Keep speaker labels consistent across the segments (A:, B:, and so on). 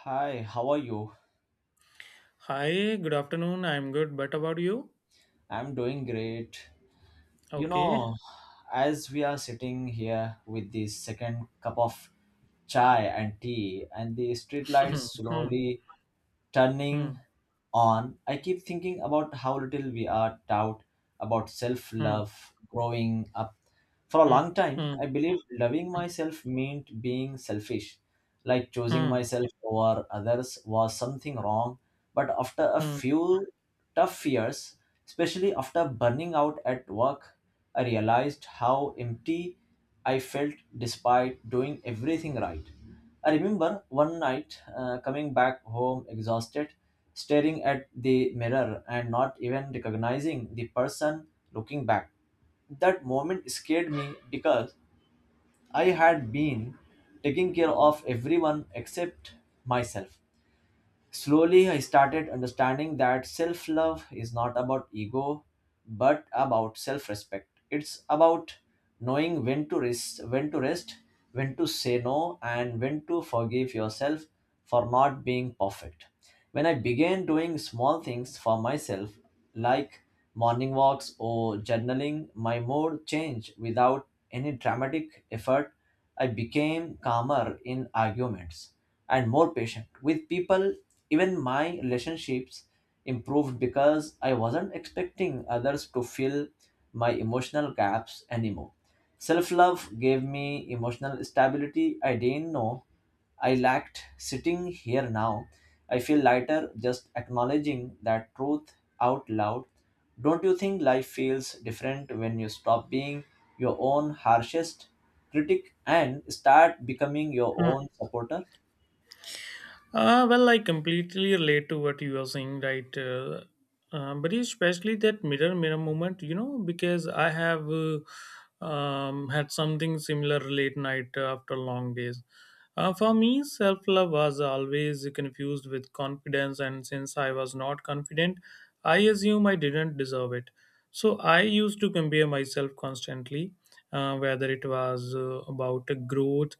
A: Hi, how are you?
B: Hi, good afternoon. I'm good. But about you?
A: I'm doing great. You
B: Okay.
A: know, as we are sitting here with the second cup of chai and tea and the street lights
B: Hmm,
A: slowly
B: hmm,
A: turning on, I keep thinking about how little we are taught about
B: hmm,
A: self-love growing up. For a
B: hmm,
A: long time,
B: hmm,
A: I believed loving
B: hmm,
A: myself meant being selfish, like choosing
B: hmm, hmm,
A: myself over others was something wrong. But after a
B: hmm,
A: few tough years, especially after burning out at work, I realized how empty I felt despite doing everything right. I remember one night coming back home exhausted, staring at the mirror and not even recognizing the person looking back. That moment scared me because I had been taking care of everyone except myself. Slowly, I started understanding that self love is not about ego but about self respect. It's about knowing when to rest, when to say no, and when to forgive yourself for not being perfect. When I began doing small things for myself, like morning walks or journaling, my mood changed without any dramatic effort. I became calmer in arguments and more patient with people. Even my relationships improved because I wasn't expecting others to fill my emotional gaps anymore. Self love gave me emotional stability I didn't know I lacked. Sitting here now, I feel lighter just acknowledging that truth out loud. Don't you think life feels different when you stop being your own harshest critic and start becoming your
B: hmm.
A: own supporter?
B: Well, I completely relate to what you are saying, right? But especially that mirror moment, because I have had something similar late night, after long days. For me, self love was always confused with confidence, and since I was not confident, I assume I didn't deserve it. So I used to compare myself constantly, whether it was about growth,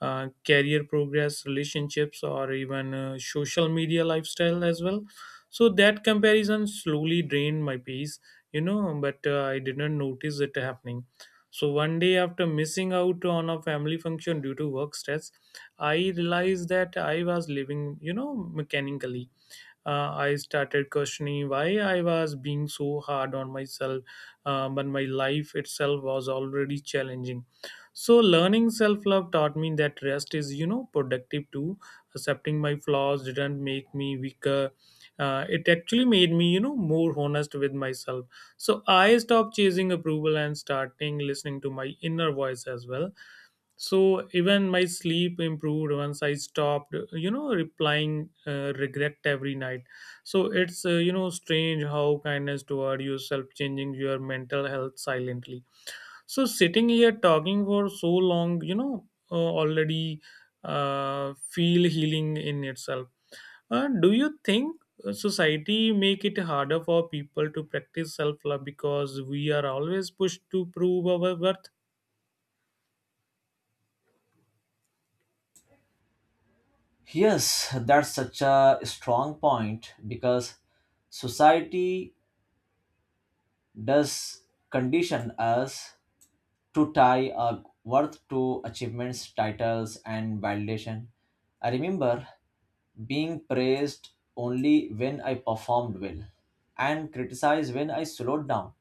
B: career progress, relationships, or even social media lifestyle as well. So that comparison slowly drained my peace, but I didn't notice it happening. So one day after missing out on a family function due to work stress, I realized that I was living, mechanically. I started questioning why I was being so hard on myself when my life itself was already challenging. So, learning self love taught me that rest is, productive too. Accepting my flaws didn't make me weaker. It actually made me, more honest with myself. So I stopped chasing approval and starting listening to my inner voice as well. So even my sleep improved once I stopped replying regret every night. So it's strange how kindness toward yourself changing your mental health silently. So sitting here talking for so long, already feel healing in itself. Do you think society make it harder for people to practice self love because we are always pushed to prove our worth?
A: Yes, that's such a strong point because society does condition us to tie a worth to achievements, titles, and validation. I remember being praised only when I performed well and criticized when I slowed down,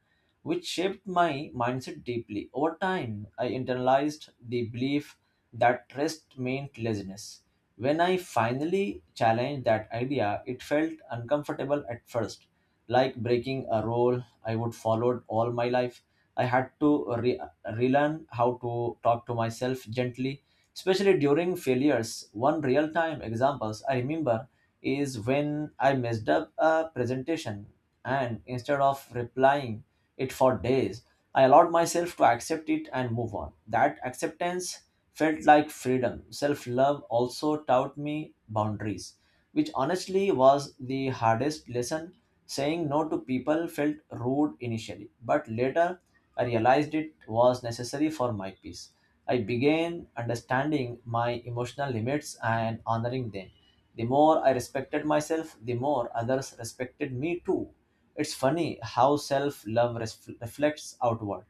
A: which shaped my mindset deeply. Over time, I internalized the belief that rest meant laziness. When I finally challenged that idea, it felt uncomfortable at first, like breaking a rule I would followed all my life. I had to relearn how to talk to myself gently, especially during failures. One real time examples I remember is when I messed up a presentation and instead of replying it for days, I allowed myself to accept it and move on. That acceptance felt like freedom. Self love also taught me boundaries, which honestly was the hardest lesson. Saying no to people felt rude initially, but later I realized it was necessary for my peace. I began understanding my emotional limits and honoring them. The more I respected myself, the more others respected me too. It's funny how self love reflects outward.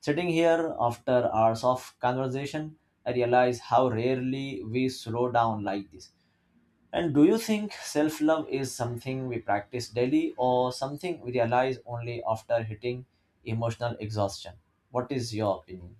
A: Sitting here after hours of conversation, I realize how rarely we slow down like this. And do you think self love is something we practice daily or something we realize only after hitting emotional exhaustion? What is your opinion?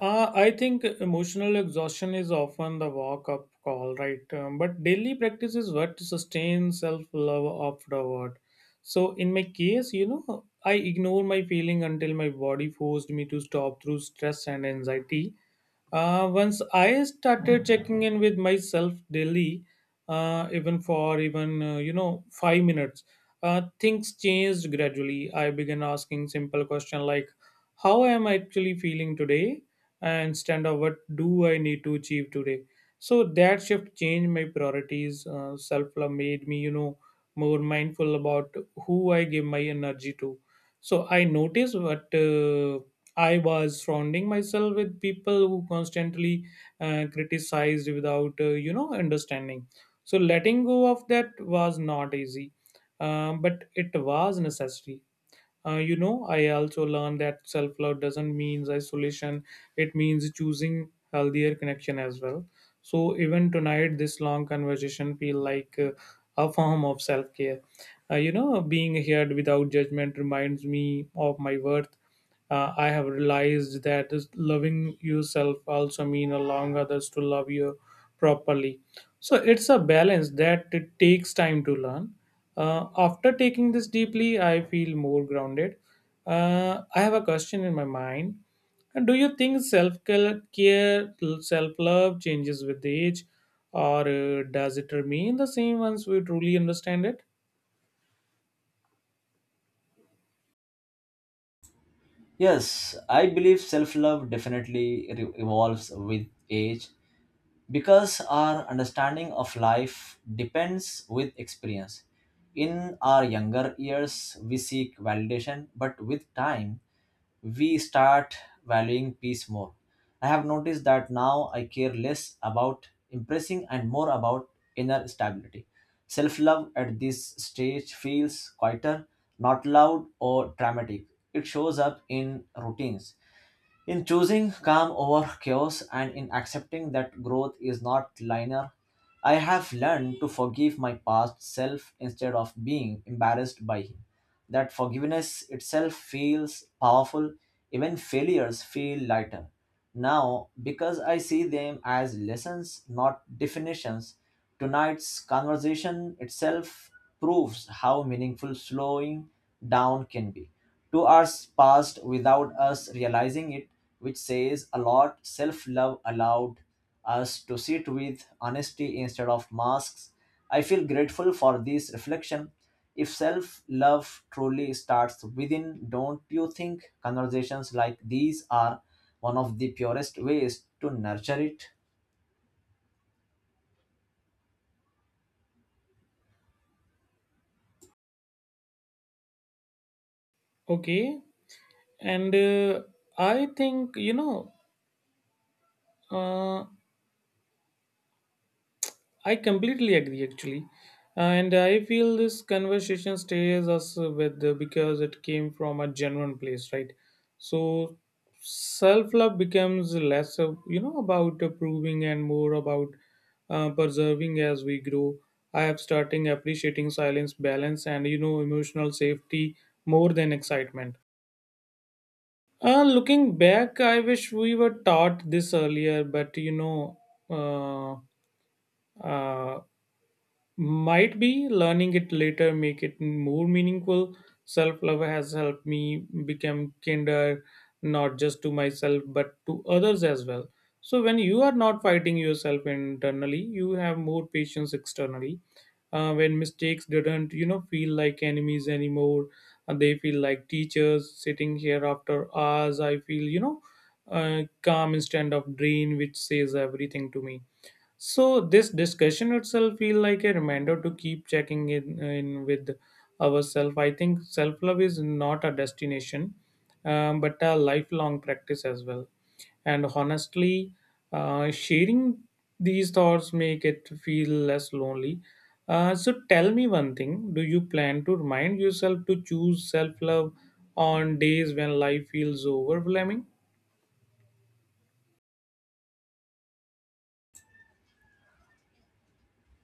B: I think emotional exhaustion is often the walk up call, right? But daily practice is what sustains self love afterward. So, in my case, I ignore my feeling until my body forced me to stop through stress and anxiety. Once I started checking in with myself daily, even 5 minutes, things changed gradually. I began asking simple question like, "How am I actually feeling today?" and instead of "What do I need to achieve today?" So that shift changed my priorities. Self love made me more mindful about who I give my energy to. So I noticed what. I was surrounding myself with people who constantly criticized without, understanding. So letting go of that was not easy, but it was necessary. I also learned that self love doesn't mean isolation, it means choosing healthier connection as well. So, even tonight, this long conversation feel like a form of self care. Being heard without judgment reminds me of my worth. I have realized that loving yourself also means allowing others to love you properly. So it's a balance that it takes time to learn. After taking this deeply, I feel more grounded. I have a question in my mind. And do you think self care, self love changes with age, or does it remain the same once we truly understand it?
A: Yes, I believe self love definitely evolves with age because our understanding of life depends with experience. In our younger years, we seek validation, but with time, we start valuing peace more. I have noticed that now I care less about impressing and more about inner stability. Self love at this stage feels quieter, not loud or dramatic. It shows up in routines, in choosing calm over chaos and in accepting that growth is not linear. I have learned to forgive my past self instead of being embarrassed by him. That forgiveness itself feels powerful, even failures feel lighter now, because I see them as lessons, not definitions. Tonight's conversation itself proves how meaningful slowing down can be. 2 hours passed without us realizing it, which says a lot. Self love allowed us to sit with honesty instead of masks. I feel grateful for this reflection. If self love truly starts within, don't you think conversations like these are one of the purest ways to nurture it?
B: Okay, and I think. Uh, I completely agree, actually. And I feel this conversation stays us with because it came from a genuine place, right? So self love becomes less, of, about approving and more about preserving as we grow. I am starting appreciating silence, balance, and emotional safety more than excitement. Looking back, I wish we were taught this earlier, but uh, uh, might be learning it later make it more meaningful. Self love has helped me become kinder, not just to myself but to others as well. So when you are not fighting yourself internally, you have more patience externally. When mistakes didn't feel like enemies anymore, and they feel like teachers. Sitting here after hours, I feel calm instead of drain, which says everything to me. So this discussion itself feel like a reminder to keep checking in with ourselves. I think self love is not a destination, but a lifelong practice as well. And honestly, sharing these thoughts make it feel less lonely. So tell me one thing: Do you plan to remind yourself to choose self love on days when life feels overwhelming?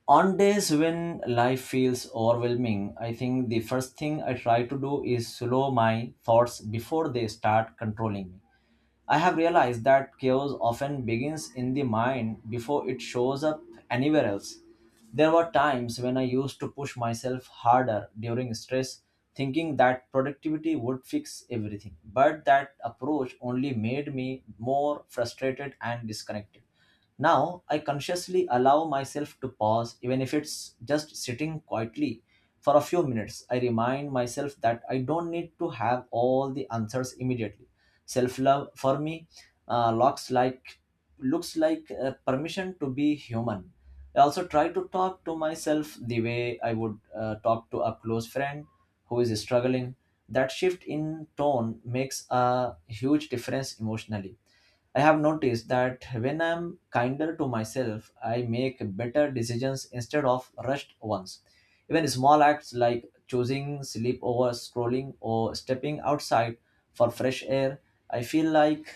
A: On days when life feels overwhelming, I think the first thing I try to do is slow my thoughts before they start controlling me. I have realized that chaos often begins in the mind before it shows up anywhere else. There were times when I used to push myself harder during stress, thinking that productivity would fix everything. But that approach only made me more frustrated and disconnected. Now I consciously allow myself to pause, even if it's just sitting quietly for a few minutes. I remind myself that I don't need to have all the answers immediately. Self love for me uh, looks like looks like a permission to be human. I also try to talk to myself the way I would talk to a close friend who is struggling. That shift in tone makes a huge difference emotionally. I have noticed that when I'm kinder to myself, I make better decisions instead of rushed ones. Even small acts like choosing sleep over scrolling or stepping outside for fresh air I feel like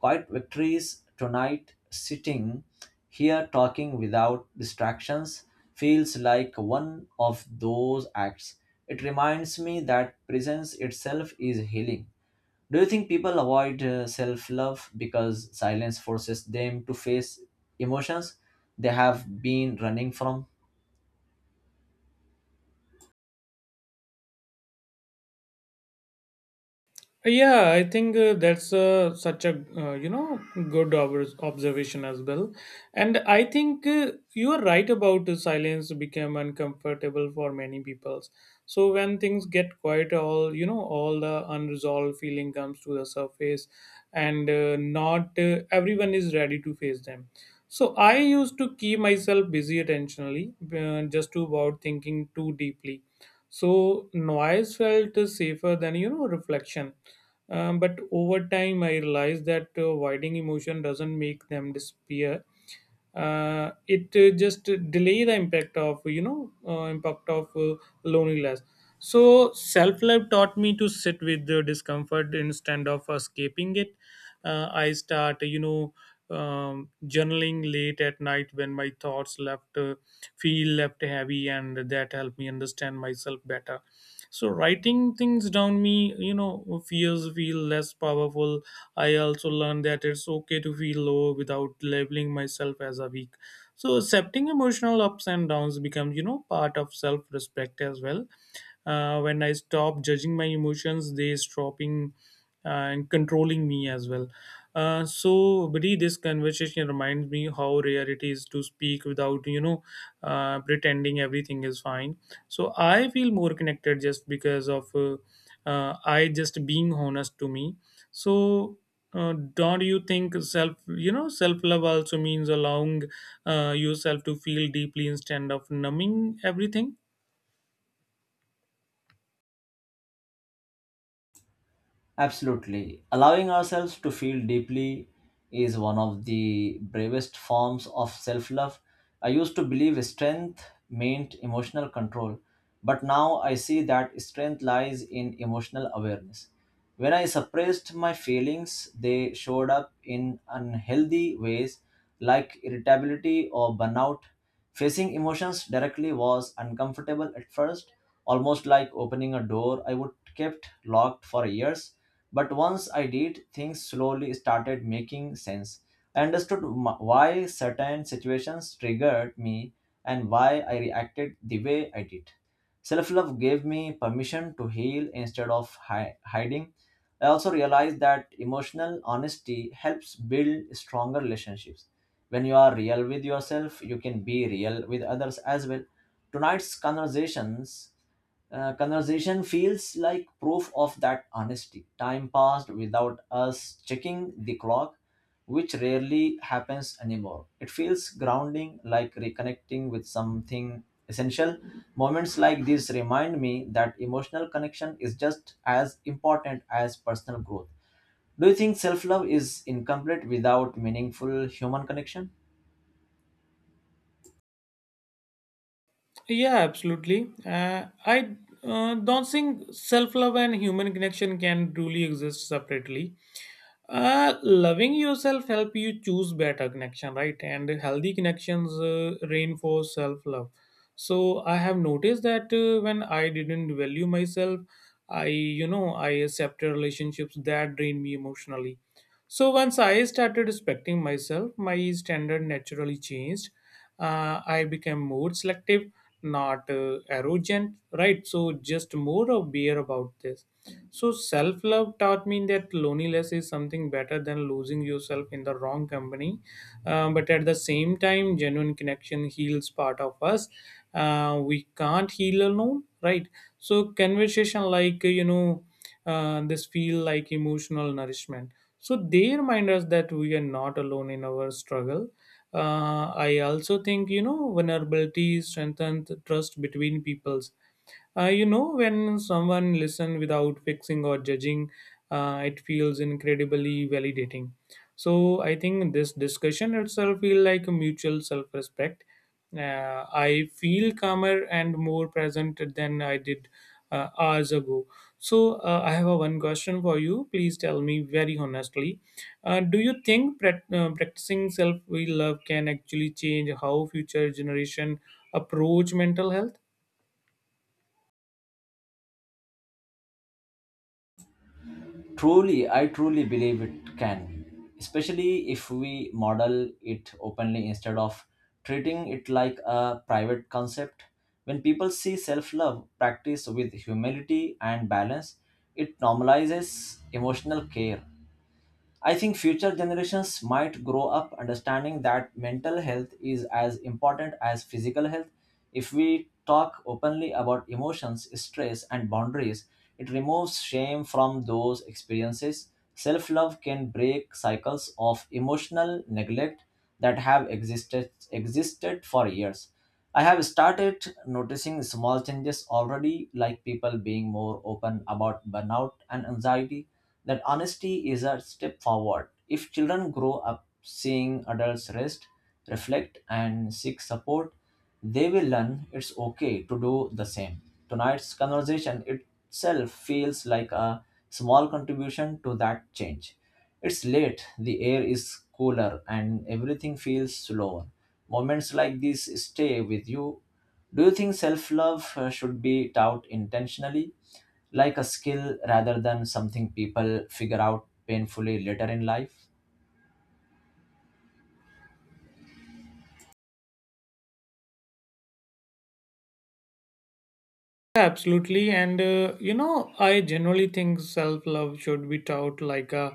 A: quiet victories. Tonight, sitting here talking without distractions, feels like one of those acts. It reminds me that presence itself is healing. Do you think people avoid self love because silence forces them to face emotions they have been running from?
B: Yeah, I think that's such a good observation as well, and I think you are right about silence become uncomfortable for many people. So when things get quiet, all the unresolved feeling comes to the surface, and not everyone is ready to face them. So I used to keep myself busy attentionally, just to about thinking too deeply. So noise felt safer than reflection. But over time I realized that avoiding emotion doesn't make them disappear. It just delay the impact of loneliness. So self-love taught me to sit with the discomfort instead of escaping it. I start journaling late at night when my thoughts left feel left heavy, and that helped me understand myself better. So writing things down me feel less powerful. I also learned that it's okay to feel low without labeling myself as a weak. So accepting emotional ups and downs becomes, part of self-respect as well. When I stop judging my emotions, they stopping and controlling me as well. So, Bri, this conversation reminds me how rare it is to speak without, pretending everything is fine. So, I feel more connected just because of I just being honest to me. So, don't you think self you know self love also means allowing yourself to feel deeply instead of numbing everything?
A: Absolutely. Allowing ourselves to feel deeply is one of the bravest forms of self love. I used to believe strength meant emotional control, but now I see that strength lies in emotional awareness. When I suppressed my feelings, they showed up in unhealthy ways like irritability or burnout. Facing emotions directly was uncomfortable at first, almost like opening a door I would kept locked for years. But once I did, things slowly started making sense. I understood why certain situations triggered me and why I reacted the way I did. Self love gave me permission to heal instead of hiding. I also realized that emotional honesty helps build stronger relationships. When you are real with yourself, you can be real with others as well. Tonight's conversation feels like proof of that honesty. Time passed without us checking the clock, which rarely happens anymore. It feels grounding, like reconnecting with something essential. Moments like this remind me that emotional connection is just as important as personal growth. Do you think self love is incomplete without meaningful human connection?
B: Yeah, absolutely. I don't think self love and human connection can truly exist separately. Loving yourself help you choose better connection, right, and healthy connections reinforce self love. So I have noticed that when I didn't value myself, I you know I accepted relationships that drained me emotionally. So once I started respecting myself, my standard naturally changed. I became more selective, not arrogant, right? So just more aware about this. So self love taught me that loneliness is something better than losing yourself in the wrong company. But at the same time, genuine connection heals part of us. We can't heal alone, right? So conversation like this feel like emotional nourishment. So they remind us that we are not alone in our struggle. I also think vulnerability strengthens trust between peoples. When someone listens without fixing or judging, it feels incredibly validating. So I think this discussion itself feels like a mutual self-respect. I feel calmer and more present than I did hours ago. So I have a one question for you. Please tell me very honestly. Do you think practicing self-love can actually change how future generation approach mental health?
A: Truly, I truly believe it can, especially if we model it openly instead of treating it like a private concept. When people see self love practiced with humility and balance, it normalizes emotional care. I think future generations might grow up understanding that mental health is as important as physical health. If we talk openly about emotions, stress, and boundaries, it removes shame from those experiences. Self love can break cycles of emotional neglect that have existed for years. I have started noticing small changes already, like people being more open about burnout and anxiety. That honesty is a step forward. If children grow up seeing adults rest, reflect, and seek support, they will learn it's okay to do the same. Tonight's conversation itself feels like a small contribution to that change. It's late, the air is cooler, and everything feels slower. Moments like these stay with you. Do you think self love should be taught intentionally, like a skill rather than something people figure out painfully later in life?
B: Absolutely, and I generally think self love should be taught like a,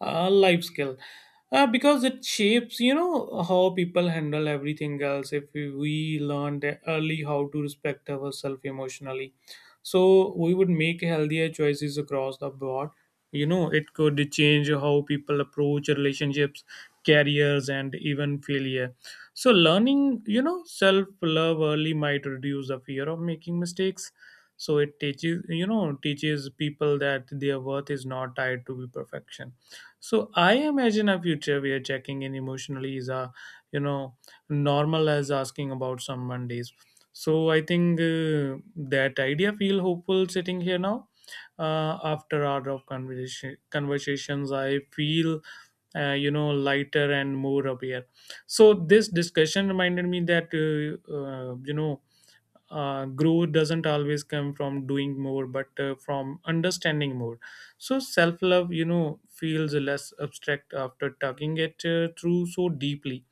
B: a life skill because it shapes, how people handle everything else. If we learned early how to respect ourselves emotionally, so we would make healthier choices across the board. It could change how people approach relationships, careers, and even failure. So, learning, self love early might reduce the fear of making mistakes. So it teaches you know teaches people that their worth is not tied to be perfection. So I imagine a future where checking in emotionally is a you know normal as asking about some mondays. So I think that idea feel hopeful sitting here now. After hour of conversations I feel lighter and more aware. So this discussion reminded me that growth doesn't always come from doing more but from understanding more. So self love feels less abstract after talking it through so deeply.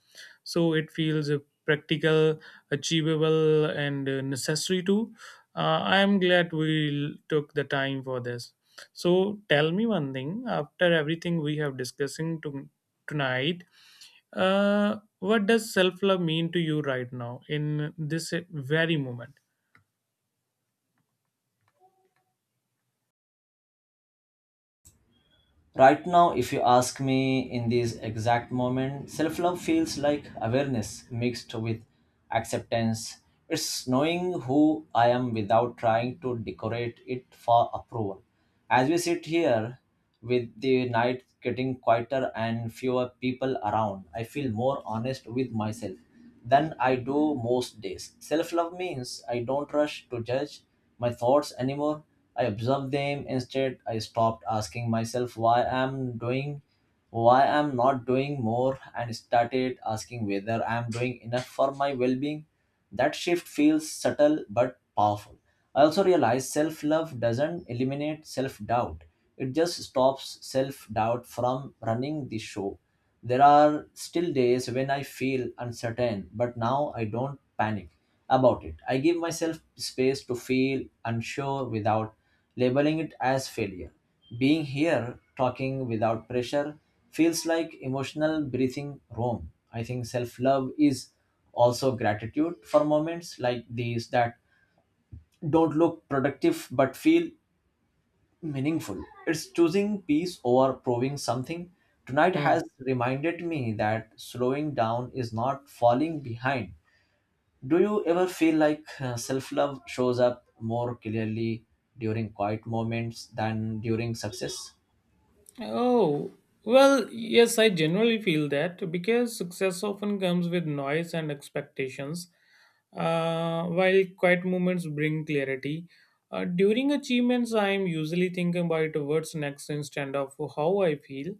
B: So it feels practical, achievable, and necessary too. I am glad we took the time for this. So tell me one thing: after everything we have discussing to, tonight, what does self love mean to you right now in this very moment?
A: Right now, if you ask me in this exact moment, self love feels like awareness mixed with acceptance. It's knowing who I am without trying to decorate it for approval. As we sit here, with the night getting quieter and fewer people around, I feel more honest with myself than I do most days. Self love means I don't rush to judge my thoughts anymore. I observe them instead. I stopped asking myself why I'm doing, why I'm not doing more, and started asking whether I'm doing enough for my well being. That shift feels subtle but powerful. I also realized self love doesn't eliminate self doubt, it just stops self doubt from running the show. There are still days when I feel uncertain, but now I don't panic about it. I give myself space to feel unsure without labeling it as failure. Being here, talking without pressure, feels like emotional breathing room. I think self love is also gratitude for moments like these that don't look productive but feel meaningful. It's choosing peace over proving something. Tonight
B: Hmm.
A: has reminded me that slowing down is not falling behind. Do you ever feel like self love shows up more clearly during quiet moments than during success?
B: Oh, well, yes, I generally feel that because success often comes with noise and expectations, while quiet moments bring clarity. During achievements, I am usually thinking about what's next instead of how I feel.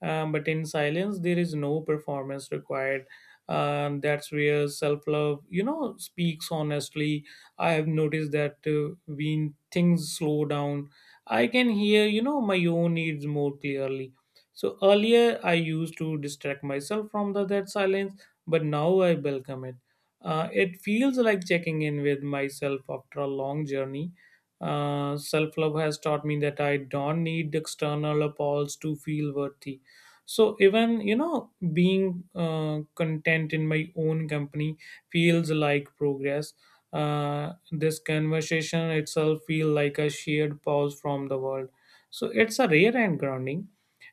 B: But in silence there is no performance required. That's where self-love speaks honestly. I have noticed that when things slow down I can hear my own needs more clearly. So earlier I used to distract myself from the that silence, but now I welcome it. It feels like checking in with myself after a long journey. Self-love has taught me that I don't need external applause to feel worthy. So even being content in my own company feels like progress. This conversation itself feel like a shared pause from the world. So it's a rare and grounding.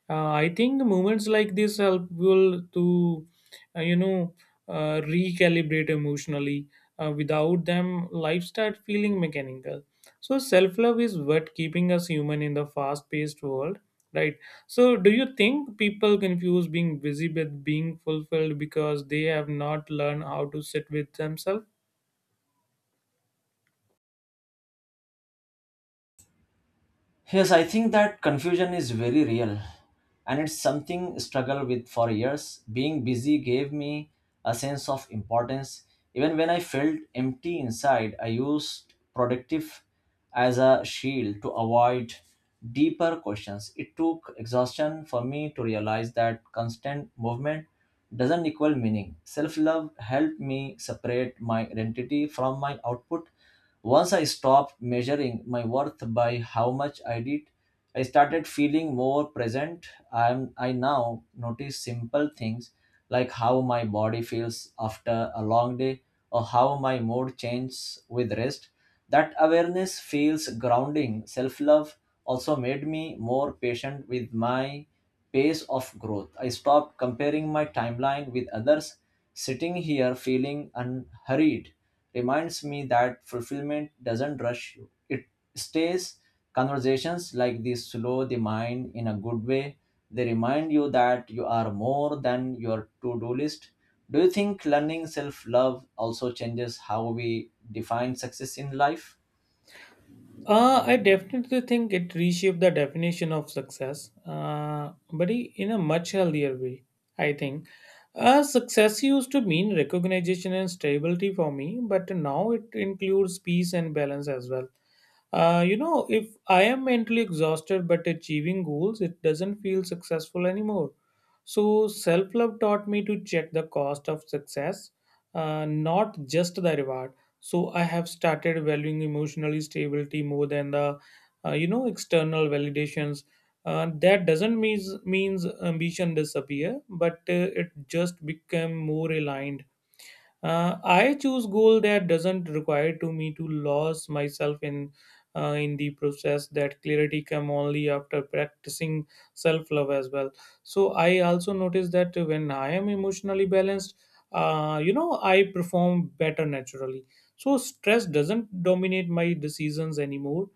B: I think moments like this helpful to uh, you know recalibrate emotionally. Without them life start feeling mechanical. So self love is what keeping us human in the fast paced world, right? So do you think people confuse being busy with being fulfilled because they have not learned how to sit with themselves?
A: Yes, I think that confusion is very real, and it's something struggled with for years. Being busy gave me a sense of importance even when I felt empty inside. I used productive as a shield to avoid deeper questions. It took exhaustion for me to realize that constant movement doesn't equal meaning. Self-love helped me separate my identity from my output. Once I stopped measuring my worth by how much I did, I started feeling more present. I now notice simple things like how my body feels after a long day or how my mood changes with rest. That awareness feels grounding. Self love also made me more patient with my pace of growth. I stopped comparing my timeline with others. Sitting here feeling unhurried reminds me that fulfillment doesn't rush you. It stays. Conversations like this slow the mind in a good way. They remind you that you are more than your to do list. Do you think learning self love also changes how we define success in life?
B: I definitely think it reshaped the definition of success, but in a much healthier way, I think. Success used to mean recognition and stability for me, but now it includes peace and balance as well. If I am mentally exhausted but achieving goals, it doesn't feel successful anymore. So, self love taught me to check the cost of success, not just the reward. So, I have started valuing emotional stability more than the external validations. That doesn't means ambition disappear, but it just become more aligned. I choose goal that doesn't require to me to lose myself in the process. That clarity come only after practicing self love as well. So I also notice that when I am emotionally balanced, I perform better naturally. So stress doesn't dominate my decisions anymore.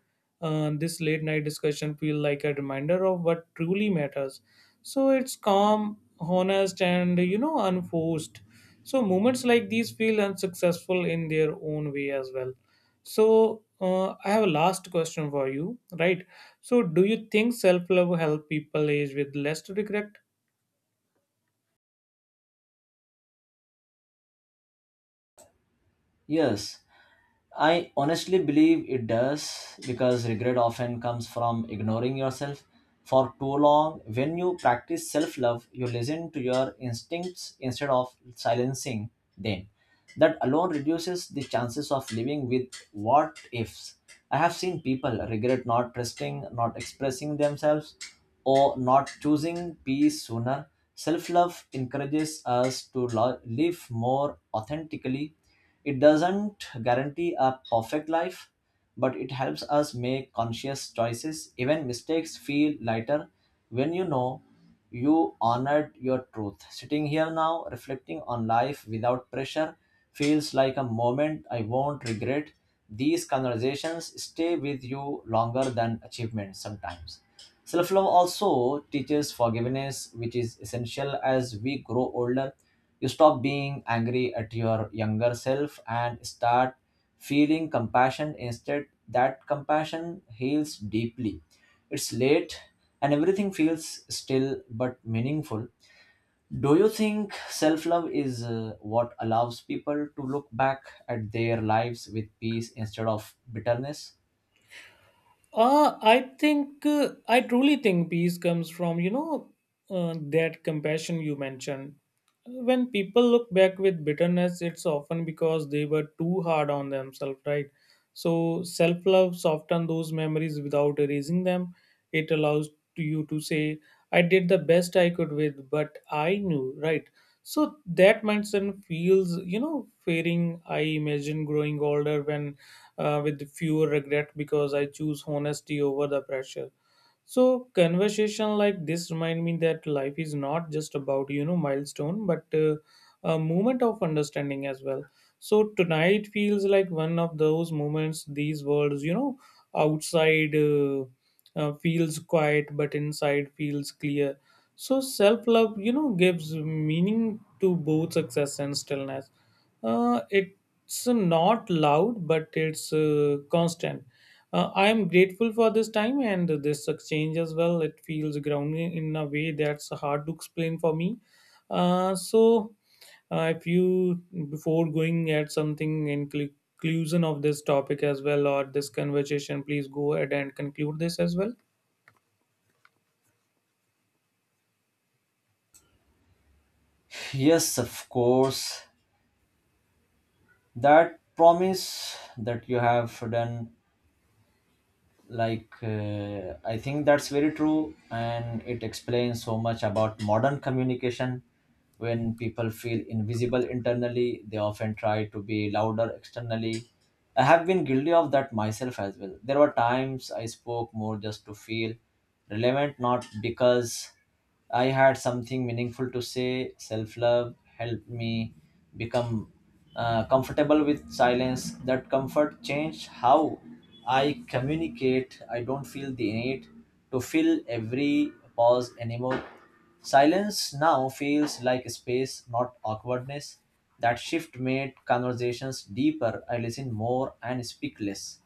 B: This late night discussion feel like a reminder of what truly matters. So it's calm, honest, and unforced. So moments like these feel unsuccessful in their own way as well. So I have a last question for you, right? So do you think self love help people age with less regret?
A: Yes, I honestly believe it does because regret often comes from ignoring yourself for too long. When you practice self love, you listen to your instincts instead of silencing them. That alone reduces the chances of living with what ifs. I have seen people regret not trusting, not expressing themselves, or not choosing peace sooner. Self love encourages us to live more authentically. It doesn't guarantee a perfect life, but it helps us make conscious choices. Even mistakes feel lighter when you know you honored your truth. Sitting here now, reflecting on life without pressure, feels like a moment I won't regret. These conversations stay with you longer than achievements sometimes. Self love also teaches forgiveness, which is essential as we grow older. You stop being angry at your younger self and start feeling compassion instead. That compassion heals deeply. It's late and everything feels still but meaningful. Do you think self love is what allows people to look back at their lives with peace instead of bitterness?
B: I truly think peace comes from that compassion you mentioned. When people look back with bitterness, it's often because they were too hard on themselves, right? So self love softens those memories without erasing them. It allows to you to say, "I did the best I could with, but I knew," right? So that mindset feels, fearing. I imagine growing older when with fewer regret because I choose honesty over the pressure. So conversation like this remind me that life is not just about milestone, but a moment of understanding as well. So tonight feels like one of those moments. These words, outside feels quiet, but inside feels clear. So self love, gives meaning to both success and stillness. It's not loud, but it's constant. I am grateful for this time and this exchange as well. It feels grounding in a way that's hard to explain for me. So, if you, before going at something in cl- conclusion of this topic as well or this conversation, please go ahead and conclude this as well.
A: Yes, of course. That promise that you have done, like, I think that's very true, and it explains so much about modern communication. When people feel invisible internally, they often try to be louder externally. I have been guilty of that myself as well. There were times I spoke more just to feel relevant, not because I had something meaningful to say. Self love helped me become comfortable with silence. That comfort changed how I communicate. I don't feel the need to fill every pause anymore. Silence now feels like space, not awkwardness. That shift made conversations deeper. I listen more and speak less,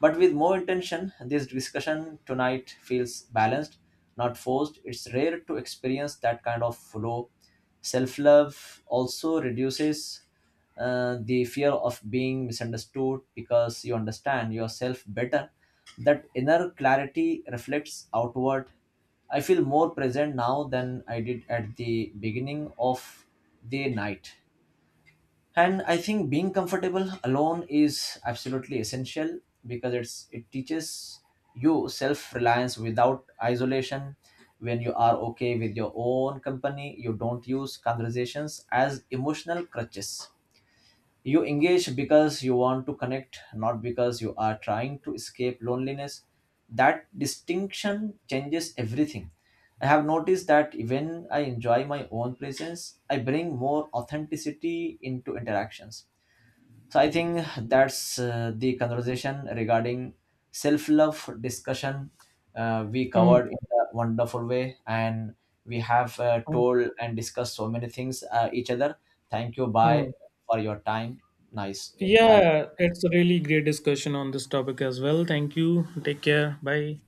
A: but with more intention. This discussion tonight feels balanced, not forced. It's rare to experience that kind of flow. Self love also reduces the fear of being misunderstood because you understand yourself better. That inner clarity reflects outward. I feel more present now than I did at the beginning of the night, and I think being comfortable alone is absolutely essential, because it teaches you self reliance without isolation. When you are okay with your own company, you don't use conversations as emotional crutches. You engage because you want to connect, not because you are trying to escape loneliness. That distinction changes everything. I have noticed that when I enjoy my own presence, I bring more authenticity into interactions. So I think that's, the conversation regarding self-love discussion, we
B: Hmm,
A: covered in a wonderful way, and we have
B: hmm,
A: told and discussed so many things each other. Thank you,
B: hmm.
A: bye, for your time. Nice day. Have
B: Yeah, it's a really great discussion on this topic as well. Thank you. Take care. Bye.